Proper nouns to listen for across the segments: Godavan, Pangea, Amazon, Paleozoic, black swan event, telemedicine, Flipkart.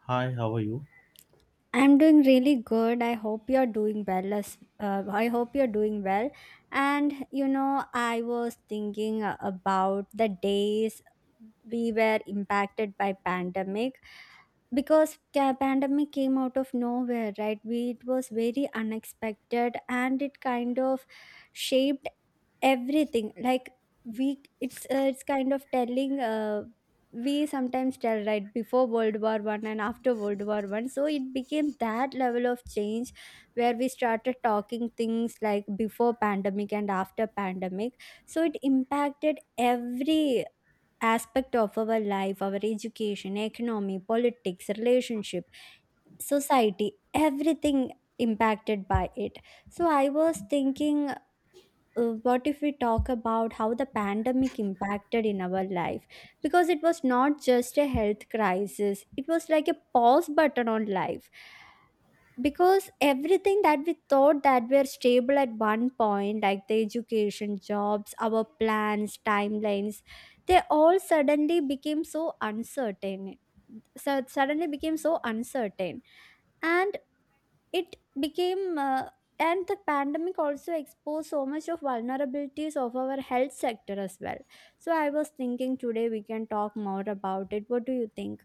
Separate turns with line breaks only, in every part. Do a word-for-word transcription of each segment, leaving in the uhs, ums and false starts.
Hi, how are you?
I'm doing really good. I hope you're doing well. As, uh, I hope you're doing well. And you know, I was thinking uh, about the days we were impacted by pandemic, because ca- pandemic came out of nowhere, right? we It was very unexpected, and it kind of shaped everything. Like, we it's uh, it's kind of telling, uh, we sometimes tell, right? Before World War I and after World War I. So it became that level of change, where we started talking things like before pandemic and after pandemic. So it impacted every aspect of our life: our education, economy, politics, relationship, society, everything impacted by it. So I was thinking, uh, what if we talk about how the pandemic impacted in our life? Because it was not just a health crisis, it was like a pause button on life, because everything that we thought that were stable at one point, like the education, jobs, our plans, timelines, they all suddenly became so uncertain, so suddenly became so uncertain and it became uh, and the pandemic also exposed so much of vulnerabilities of our health sector as well. So I was thinking, today we can talk more about it. What do you think?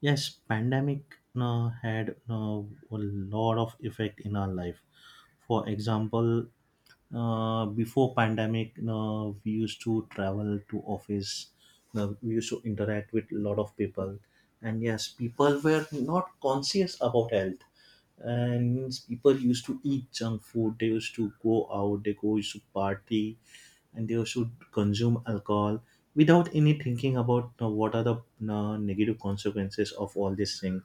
Yes, pandemic uh, had uh, a lot of effect in our life. For example, uh, before pandemic uh, we used to travel to office, uh, we used to interact with a lot of people, and yes, people were not conscious about health, and people used to eat junk food, they used to go out, they go used to party, and they also consume alcohol without any thinking about uh, what are the uh, negative consequences of all this thing,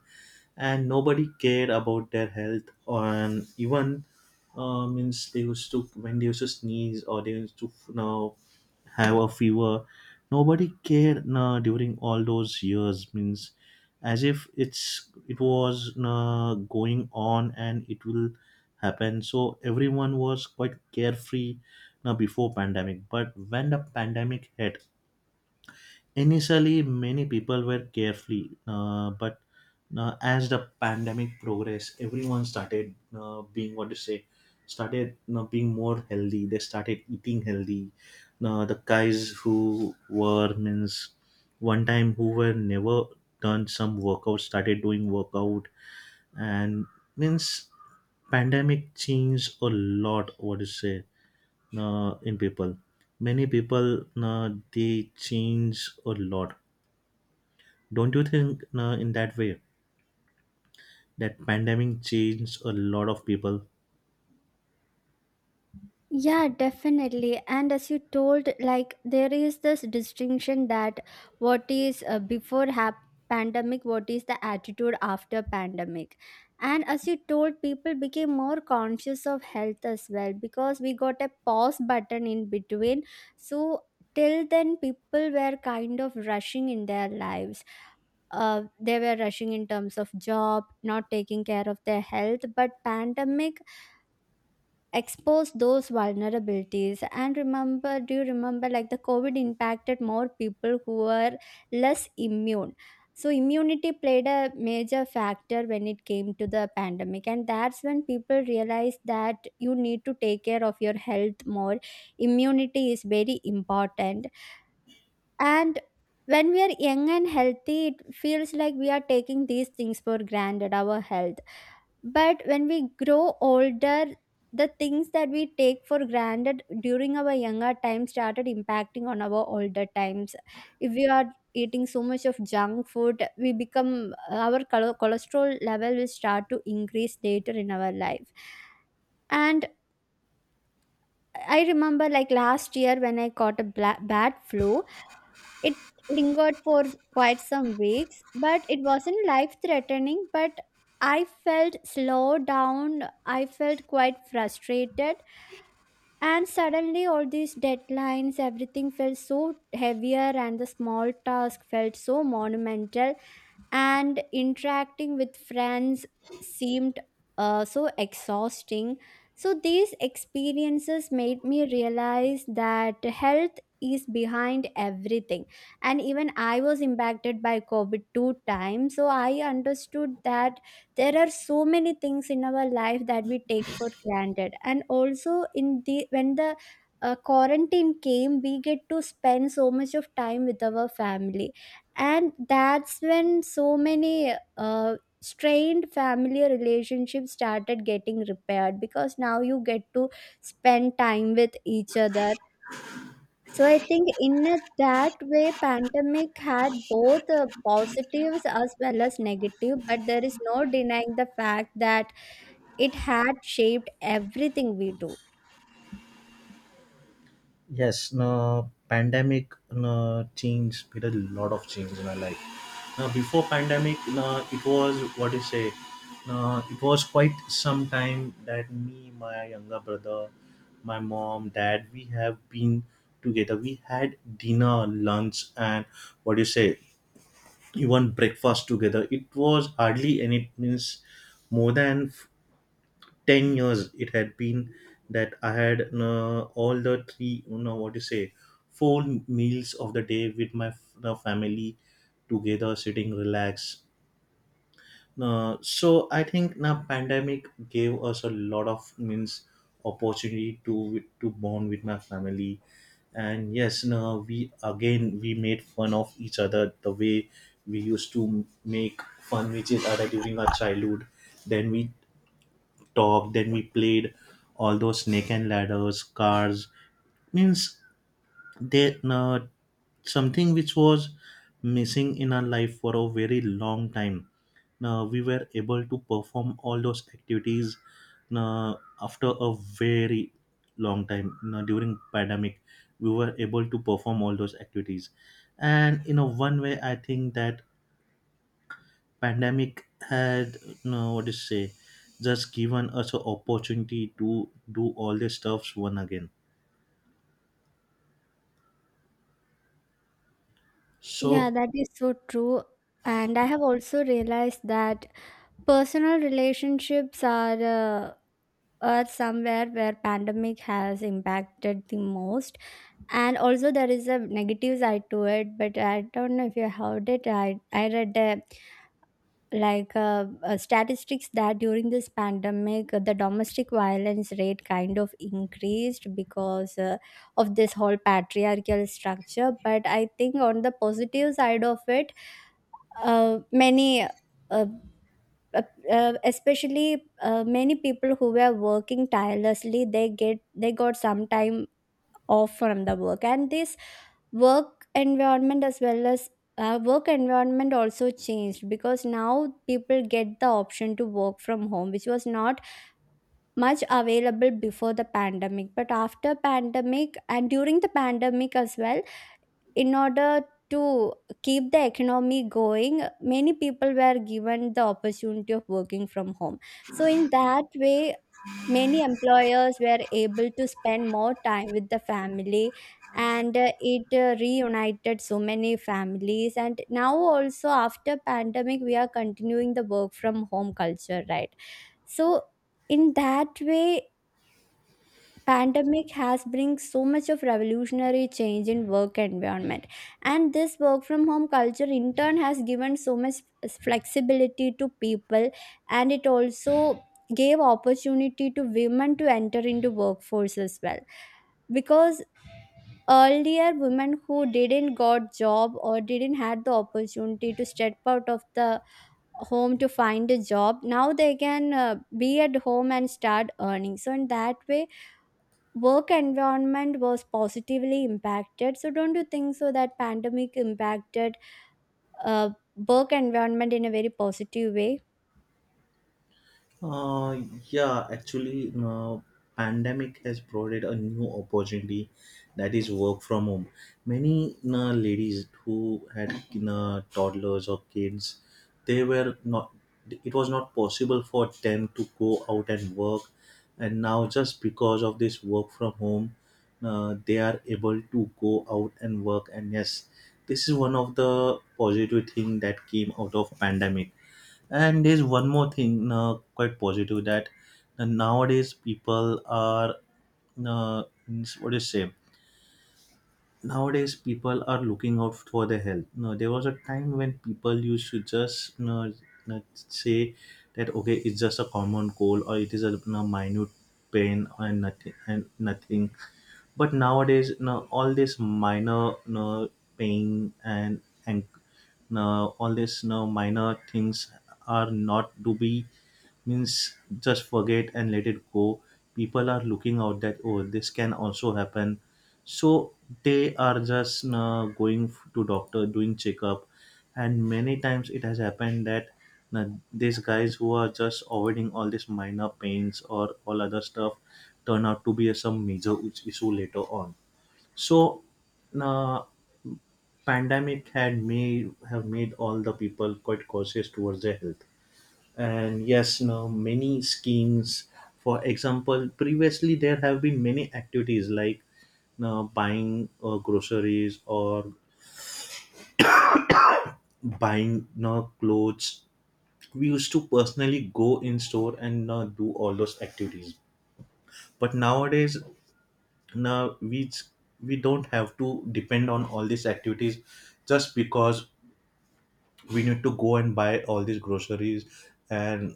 and nobody cared about their health. And even, uh, means, they used to, when they used to sneeze or they used to now have a fever, nobody cared. Now during all those years, means, as if it's it was uh, going on and it will happen, so everyone was quite carefree now before pandemic. But when the pandemic hit, initially many people were carefully, uh, but uh, as the pandemic progressed, everyone started uh, being, what to say, started, you know, being more healthy. They started eating healthy. Uh, the guys who were, means, one time who were never done some workout, started doing workout, and, means, pandemic changed a lot. What to say uh, in people? Many people, uh, they change a lot. Don't you think uh, in that way that pandemic changed a lot of people?
Yeah, definitely. And as you told, like, there is this distinction: that what is, uh, before hap- pandemic, what is the attitude after pandemic. And as you told, people became more conscious of health as well, because we got a pause button in between. So till then, people were kind of rushing in their lives. Uh, they were rushing in terms of job, not taking care of their health. But pandemic expose those vulnerabilities. And remember do you remember, like, the COVID impacted more people who were less immune? So immunity played a major factor when it came to the pandemic, and that's when people realized that you need to take care of your health more. Immunity is very important. And when we are young and healthy, it feels like we are taking these things for granted, our health. But when we grow older, the things that we take for granted during our younger time started impacting on our older times. If we are eating so much of junk food, we become our chole- cholesterol level will start to increase later in our life. And I remember, like, last year when I caught a bla- bad flu, it lingered for quite some weeks, but it wasn't life threatening. But I felt slowed down, I felt quite frustrated, and suddenly all these deadlines, everything felt so heavier, and the small task felt so monumental, and interacting with friends seemed, uh, so exhausting. So these experiences made me realize that health is behind everything. And even I was impacted by COVID two times. So I understood that there are so many things in our life that we take for granted. And also, in the when the uh, quarantine came, we get to spend so much of time with our family, and that's when so many uh, strained family relationships started getting repaired, because now you get to spend time with each other. So I think in a- that way pandemic had both, uh, positives as well as negative, but there is no denying the fact that it had shaped everything we do.
Yes, no, pandemic, no, changed, made a lot of change in our life. Now before pandemic, no, it was, what you say, no, it was quite some time that me, my younger brother, my mom, dad, we have been together. We had dinner, lunch, and, what do you say, even breakfast together. It was hardly any, means, more than ten years it had been that I had, uh, all the three, you know, what you say, four meals of the day with my f- the family together, sitting relaxed. Uh, so I think now pandemic gave us a lot of, means, opportunity to to bond with my family. And yes, no, we again, we made fun of each other the way we used to make fun with each other during our childhood. Then we talk, then we played all those snake and ladders, cars, means, that, uh, something which was missing in our life for a very long time, now we were able to perform all those activities. Now after a very long time, now during pandemic we were able to perform all those activities. And in a one way, I think that pandemic had, no, what to say, just given us an opportunity to do all the stuffs one again.
Yeah,
So,
that is so true. And I have also realized that personal relationships are, uh, uh, somewhere where pandemic has impacted the most. And also there is a negative side to it, but I don't know if you heard it i, I read uh, like uh, uh, statistics that during this pandemic, uh, the domestic violence rate kind of increased, because, uh, of this whole patriarchal structure. But I think on the positive side of it, uh, many uh, uh, uh, especially, uh, many people who were working tirelessly, they get they got some time off from the work. And this work environment, as well as, uh, work environment also changed, because now people get the option to work from home, which was not much available before the pandemic. But after pandemic, and during the pandemic as well, in order to keep the economy going, many people were given the opportunity of working from home. So in that way, many employers were able to spend more time with the family, and uh, it uh, reunited so many families. And now also, after pandemic, we are continuing the work from home culture, right? So in that way, pandemic has bring so much of revolutionary change in work environment. And this work from home culture in turn has given so much flexibility to people, and it also gave opportunity to women to enter into workforce as well, because earlier women who didn't got job or didn't had the opportunity to step out of the home to find a job, now they can, uh, be at home and start earning. So in that way, work environment was positively impacted. So don't you think so that pandemic impacted, uh, work environment in a very positive way?
Uh, yeah, actually, uh, pandemic has provided a new opportunity, that is work from home. Many uh, ladies who had uh, toddlers or kids, they were not, it was not possible for them to go out and work, and now just because of this work from home, uh, they are able to go out and work. And yes, this is one of the positive thing that came out of pandemic. And there's one more thing, uh, quite positive, that uh, nowadays people are, uh, means, what do you say? Nowadays people are looking out for their health. No, there was a time when people used to just, you know, uh, say that okay, it's just a common cold, or it is a, you know, minute pain and nothing and nothing. But nowadays, you know, all this minor, you know, pain and and you know, all this, you know, minor things are not to be, means, just forget and let it go. People are looking out that, oh, this can also happen. So they are just uh, going f- to doctor, doing checkup. And many times it has happened that uh, these guys who are just avoiding all these minor pains or all other stuff turn out to be a some major is- issue later on. So uh, pandemic had made, have made all the people quite cautious towards their health. And yes, now many schemes, for example, previously there have been many activities like now buying uh, groceries or buying now clothes, we used to personally go in store and now do all those activities. But nowadays, now we, we don't have to depend on all these activities, just because we need to go and buy all these groceries and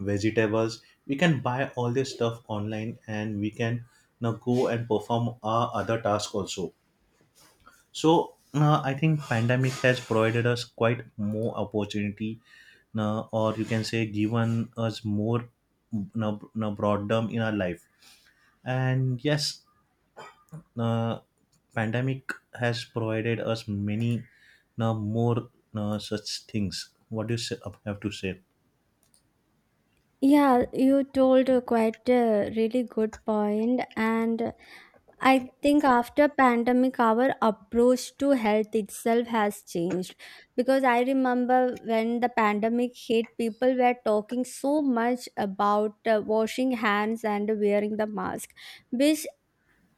vegetables. We can buy all this stuff online and we can now go and perform our other task also. So uh, I think pandemic has provided us quite more opportunity now, or you can say given us more now, now broaddom in our life. And yes, uh, pandemic has provided us many now more now such things. What do you say, have to say?
Yeah, you told a quite a really good point, and I think after pandemic, our approach to health itself has changed. Because I remember, when the pandemic hit, people were talking so much about uh, washing hands and wearing the mask, which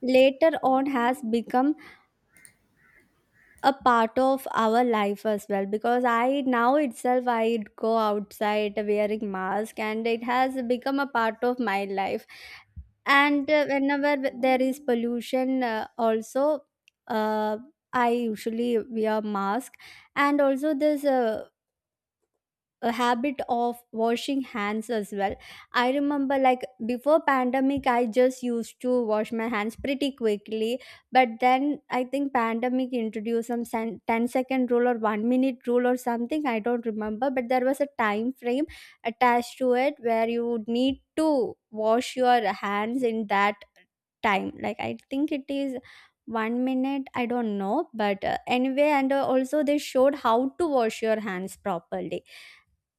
later on has become a part of our life as well, because I now itself I go outside wearing mask, and it has become a part of my life. And uh, whenever there is pollution, uh, also, uh, I usually wear mask. And also this, uh, a habit of washing hands as well. I remember, like, before pandemic I just used to wash my hands pretty quickly, but then I think pandemic introduced some sen- ten second rule or one minute rule or something, I don't remember. But there was a time frame attached to it where you would need to wash your hands in that time. Like, I think it is one minute, I don't know, but uh, anyway. And uh, also they showed how to wash your hands properly,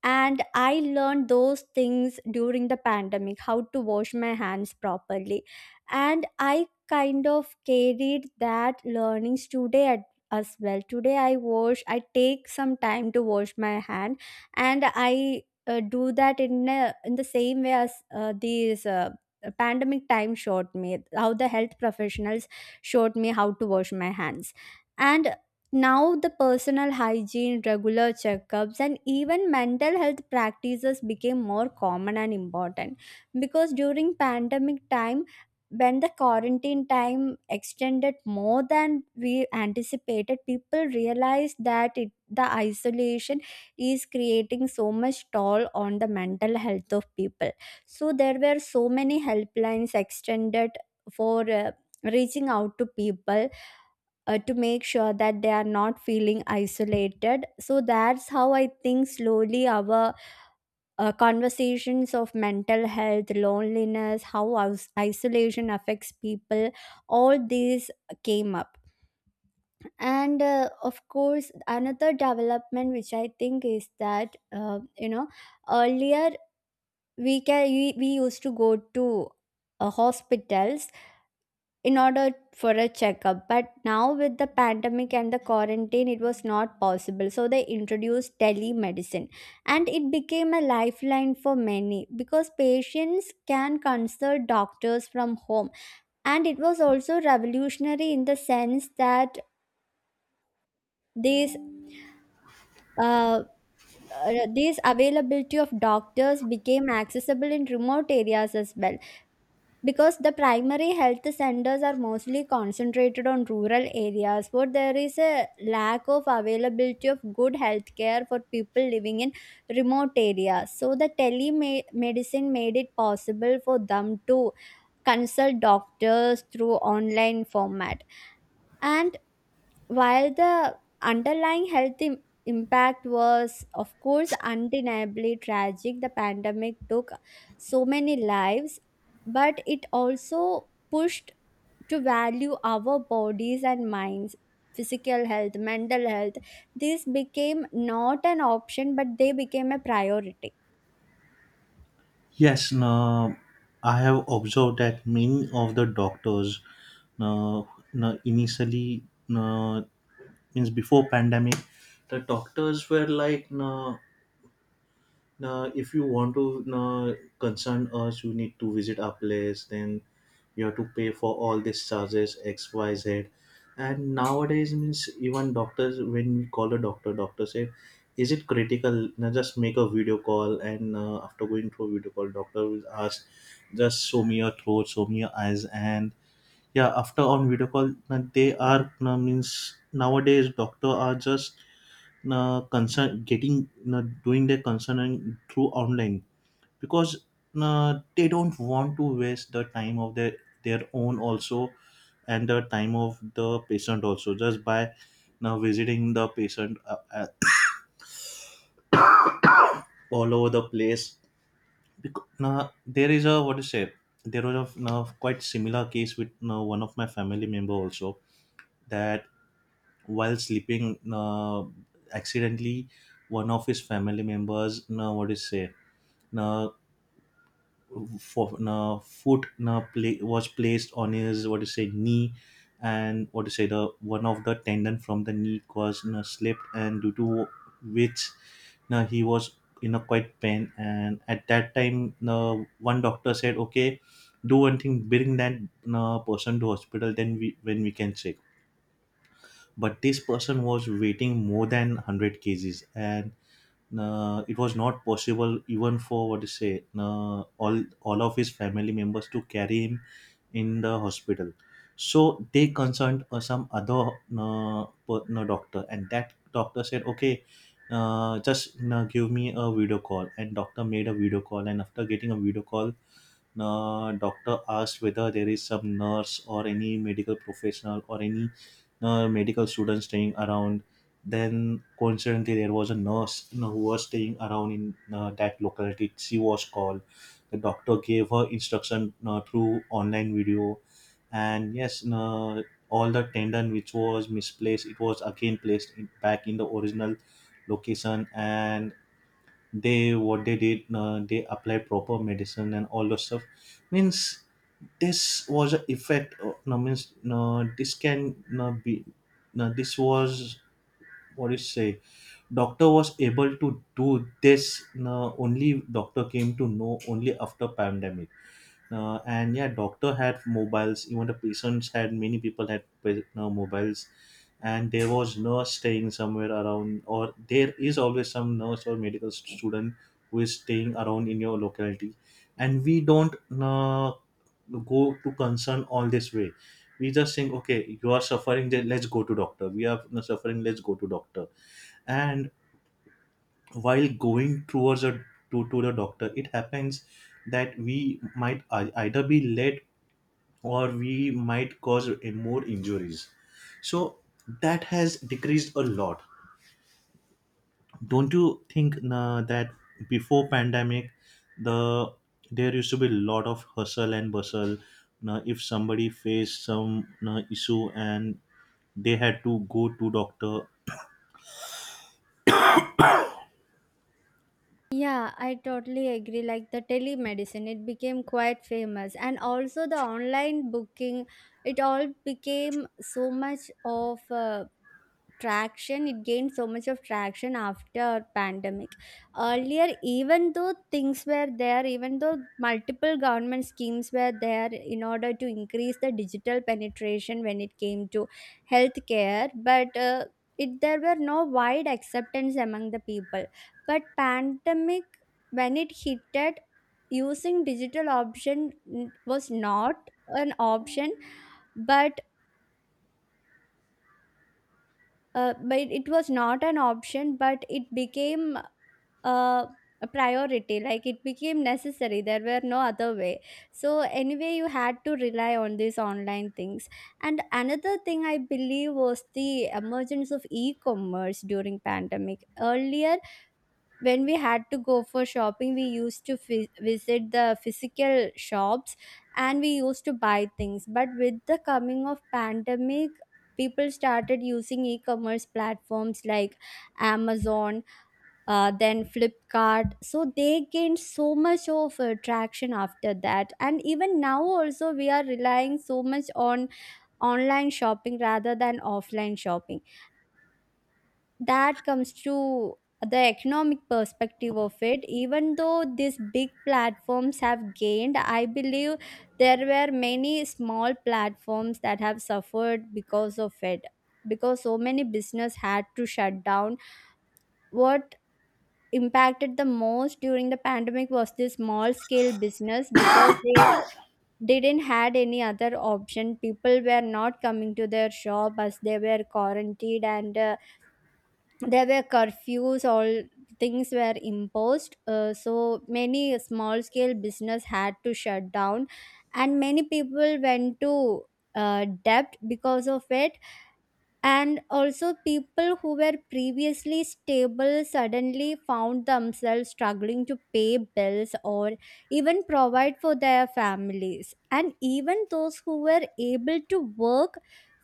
and I learned those things during the pandemic, how to wash my hands properly. And I kind of carried that learnings today at as well. Today i wash I take some time to wash my hand, and I uh, do that in a, in the same way as, uh, these uh, pandemic time showed me, how the health professionals showed me how to wash my hands. And now, the personal hygiene, regular checkups, and even mental health practices became more common and important. Because during pandemic time, when the quarantine time extended more than we anticipated, people realized that it, the isolation is creating so much toll on the mental health of people. So there were so many helplines extended for, uh, reaching out to people, uh, to make sure that they are not feeling isolated. So that's how I think slowly our, uh, conversations of mental health, loneliness, how is- isolation affects people, all these came up. And, uh, of course, another development which I think is that, uh, you know, earlier we, can, we, we used to go to, uh, hospitals in order for a checkup. But now with the pandemic and the quarantine, it was not possible, so they introduced telemedicine. And it became a lifeline for many, because patients can consult doctors from home. And it was also revolutionary in the sense that these uh, uh, this availability of doctors became accessible in remote areas as well, because the primary health centers are mostly concentrated on rural areas, where there is a lack of availability of good health care for people living in remote areas. So the telemedicine made it possible for them to consult doctors through online format. And while the underlying health im- impact was, of course, undeniably tragic, the pandemic took so many lives, but it also pushed to value our bodies and minds. Physical health, mental health, these became not an option, but they became a priority.
Yes, now I have observed that many of the doctors now, now initially now, means before pandemic, the doctors were like, now, now, if you want to now concern us, you need to visit our place. Then you have to pay for all these charges X, Y, Z. And nowadays, means, even doctors, when we call a doctor, doctor said, "Is it critical? Now just make a video call," and uh, after going through a video call, doctor will ask, "Just show me your throat, show me your eyes," and yeah, after on video call, now they are now, means, nowadays doctor are just uh, concern getting, uh, doing their concern through online, because uh, they don't want to waste the time of their their own also and the time of the patient also just by now visiting the patient uh, uh, all over the place. Because now there is a, what to say, there was a now quite similar case with, now, one of my family member also, that while sleeping, uh, accidentally one of his family members, now, what to say, now, for na foot na play, was placed on his, what to say, knee, and, what to say, the one of the tendon from the knee was, na, slipped, and due to which, na, he was in a quite pain. And at that time, na, one doctor said, "Okay, do one thing, bring that, na, person to hospital, then we, when we can check." But this person was waiting more than a hundred cases and uh, it was not possible even for, what to say, uh, all all of his family members to carry him in the hospital. So they consulted uh, some other, uh, per- no, doctor, and that doctor said, "Okay, uh, just uh, give me a video call," and doctor made a video call, and after getting a video call, uh, doctor asked whether there is some nurse or any medical professional or any uh, medical students staying around. Then coincidentally, there was a nurse, you know, who was staying around in uh, that locality. She was called. The doctor gave her instruction uh, through online video, and yes, uh, all the tendon which was misplaced, it was again placed in, back in the original location, and they what they did, uh, they applied proper medicine and all those stuff. Means, this was an effect, uh, no, means, no, this can no be, no, this was, what you say, doctor was able to do this, no, only doctor came to know only after pandemic. Uh, and yeah, doctor had mobiles, even the patients had, many people had, you know, mobiles, and there was nurse staying somewhere around, or there is always some nurse or medical st- student who is staying around in your locality. And we don't uh, go to concern all this way. We just think, okay, you are suffering, then let's go to doctor, we are you suffering, let's go to doctor. And while going towards a to, to the doctor, it happens that we might ei- either be late or we might cause uh, more injuries. So that has decreased a lot. Don't you think uh, that before pandemic, the there used to be a lot of hustle and bustle now, if somebody faced some uh, issue and they had to go to doctor?
Yeah, I totally agree. Like the telemedicine, it became quite famous, and also the online booking, it all became so much of uh, traction it gained so much of traction after pandemic. Earlier, even though things were there, even though multiple government schemes were there in order to increase the digital penetration when it came to healthcare, but uh, it there were no wide acceptance among the people. But pandemic, when it hit it, using digital option n- was not an option. But uh, but it was not an option, but it became, uh, a priority. Like, it became necessary. There were no other way, so anyway, you had to rely on these online things. And another thing I believe was the emergence of e-commerce during pandemic. Earlier, when we had to go for shopping, we used to fi- visit the physical shops and we used to buy things. But with the coming of pandemic, people started using e-commerce platforms like Amazon, uh, then Flipkart. So they gained so much of uh, traction after that, and even now also we are relying so much on online shopping rather than offline shopping. That comes to the economic perspective of it. Even though these big platforms have gained, I believe there were many small platforms that have suffered because of it, because so many business had to shut down. What impacted the most during the pandemic was the small scale business, because they didn't had any other option. People were not coming to their shop as they were quarantined, and uh, there were curfews, all things were imposed. Uh, so many small scale business had to shut down, and many people went to uh, debt because of it. And also, people who were previously stable suddenly found themselves struggling to pay bills or even provide for their families. And even those who were able to work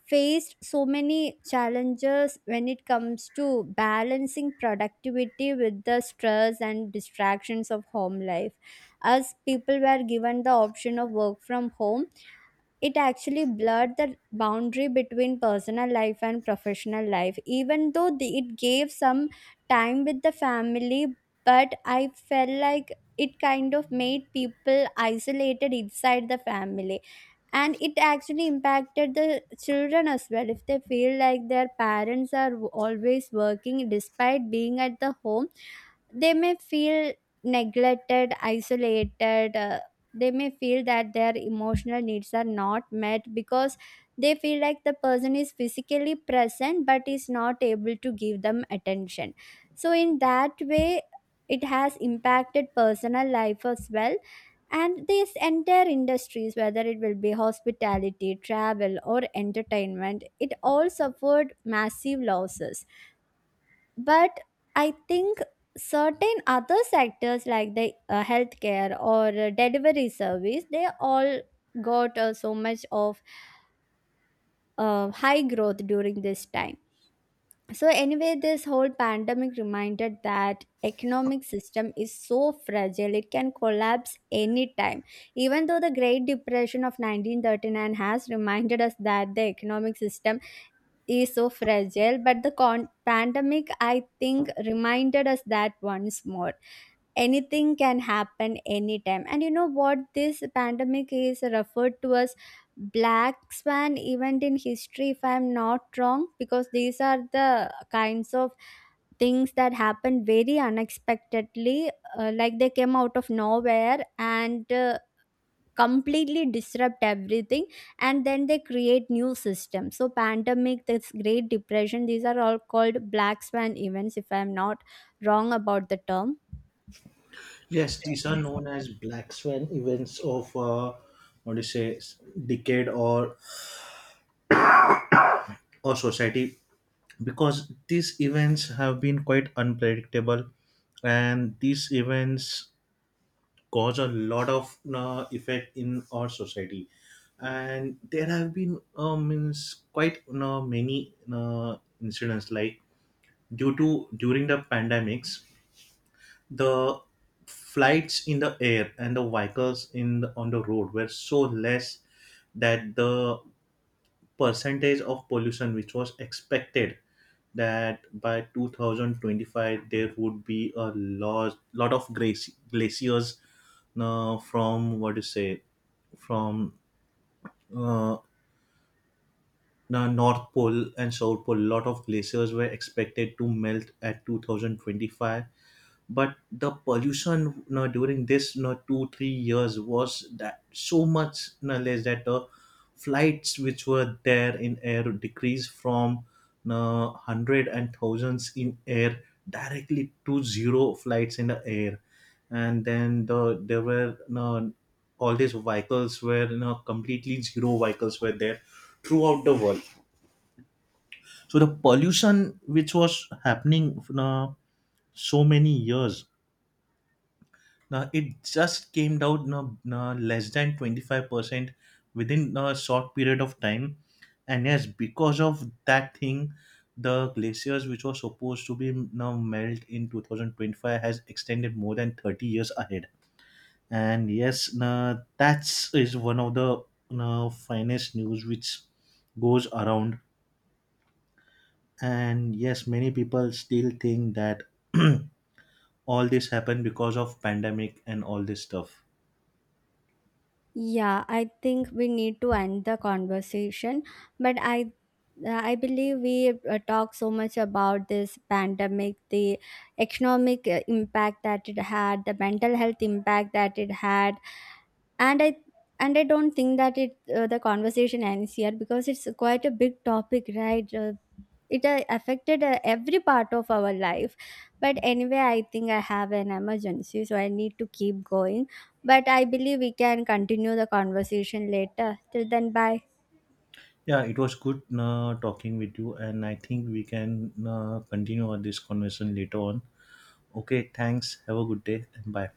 faced so many challenges when it comes to balancing productivity with the stress and distractions of home life. As people were given the option of work from home, it actually blurred the boundary between personal life and professional life. Even though the, it gave some time with the family, but I felt like it kind of made people isolated inside the family, and it actually impacted the children as well. If they feel like their parents are always working despite being at the home, they may feel neglected, isolated. uh, They may feel that their emotional needs are not met, because they feel like the person is physically present but is not able to give them attention. So, in that way, it has impacted personal life as well. And these entire industries, whether it will be hospitality, travel, or entertainment, it all suffered massive losses. But I think certain other sectors, like the uh, healthcare or uh, delivery service, they all got uh, so much of uh, high growth during this time. So anyway, this whole pandemic reminded that economic system is so fragile, it can collapse anytime. Even though the great depression of nineteen thirty-nine has reminded us that the economic system is so fragile, but the con- pandemic, I think, reminded us that once more. Anything can happen anytime. And you know what, this pandemic is referred to as black swan event in history, if I'm not wrong, because these are the kinds of things that happen very unexpectedly. Uh, like they came out of nowhere and uh, completely disrupt everything, and then they create new systems. So pandemic, this great depression, these are all called black swan events, if I'm not wrong about the term.
Yes, these are known as black swan events of, uh, what do you say, s- decade or or society, because these events have been quite unpredictable and these events cause a lot of uh, effect in our society. And there have been, um, means, quite uh, many uh, incidents like, due to during the pandemics, the flights in the air and the vehicles in the, on the road were so less that the percentage of pollution which was expected that by two thousand twenty-five there would be a lot, lot of glaci- glaciers uh, from, what do you say, from uh, the north pole and south pole, lot of glaciers were expected to melt at two thousand twenty-five, but the pollution, no, during this, no, two three years was that so much, no, less, that the flights which were there in air decreased from, no, hundred and thousands in air directly to zero flights in the air. And then the there were, no, all these vehicles were, no, completely zero vehicles were there throughout the world. So the pollution which was happening, no, so many years, now it just came down, now, now less than twenty-five percent within a short period of time. And yes, because of that thing, the glaciers which were supposed to be now melt in twenty twenty-five has extended more than thirty years ahead. And yes, no, that's is one of the, no, finest news which goes around. And yes, many people still think that all this happened because of pandemic and all this stuff.
Yeah, I think we need to end the conversation, but I I believe we uh, talk so much about this pandemic, the economic uh, impact that it had, the mental health impact that it had, and I and I don't think that it uh, the conversation ends here, because it's quite a big topic, right? Uh, it uh, affected uh, every part of our life. But anyway, I think I have an emergency, so I need to keep going. But I believe we can continue the conversation later. Till then, bye.
Yeah, it was good uh, talking with you, and I think we can uh, continue on this conversation later on. Okay, thanks. Have a good day, and bye.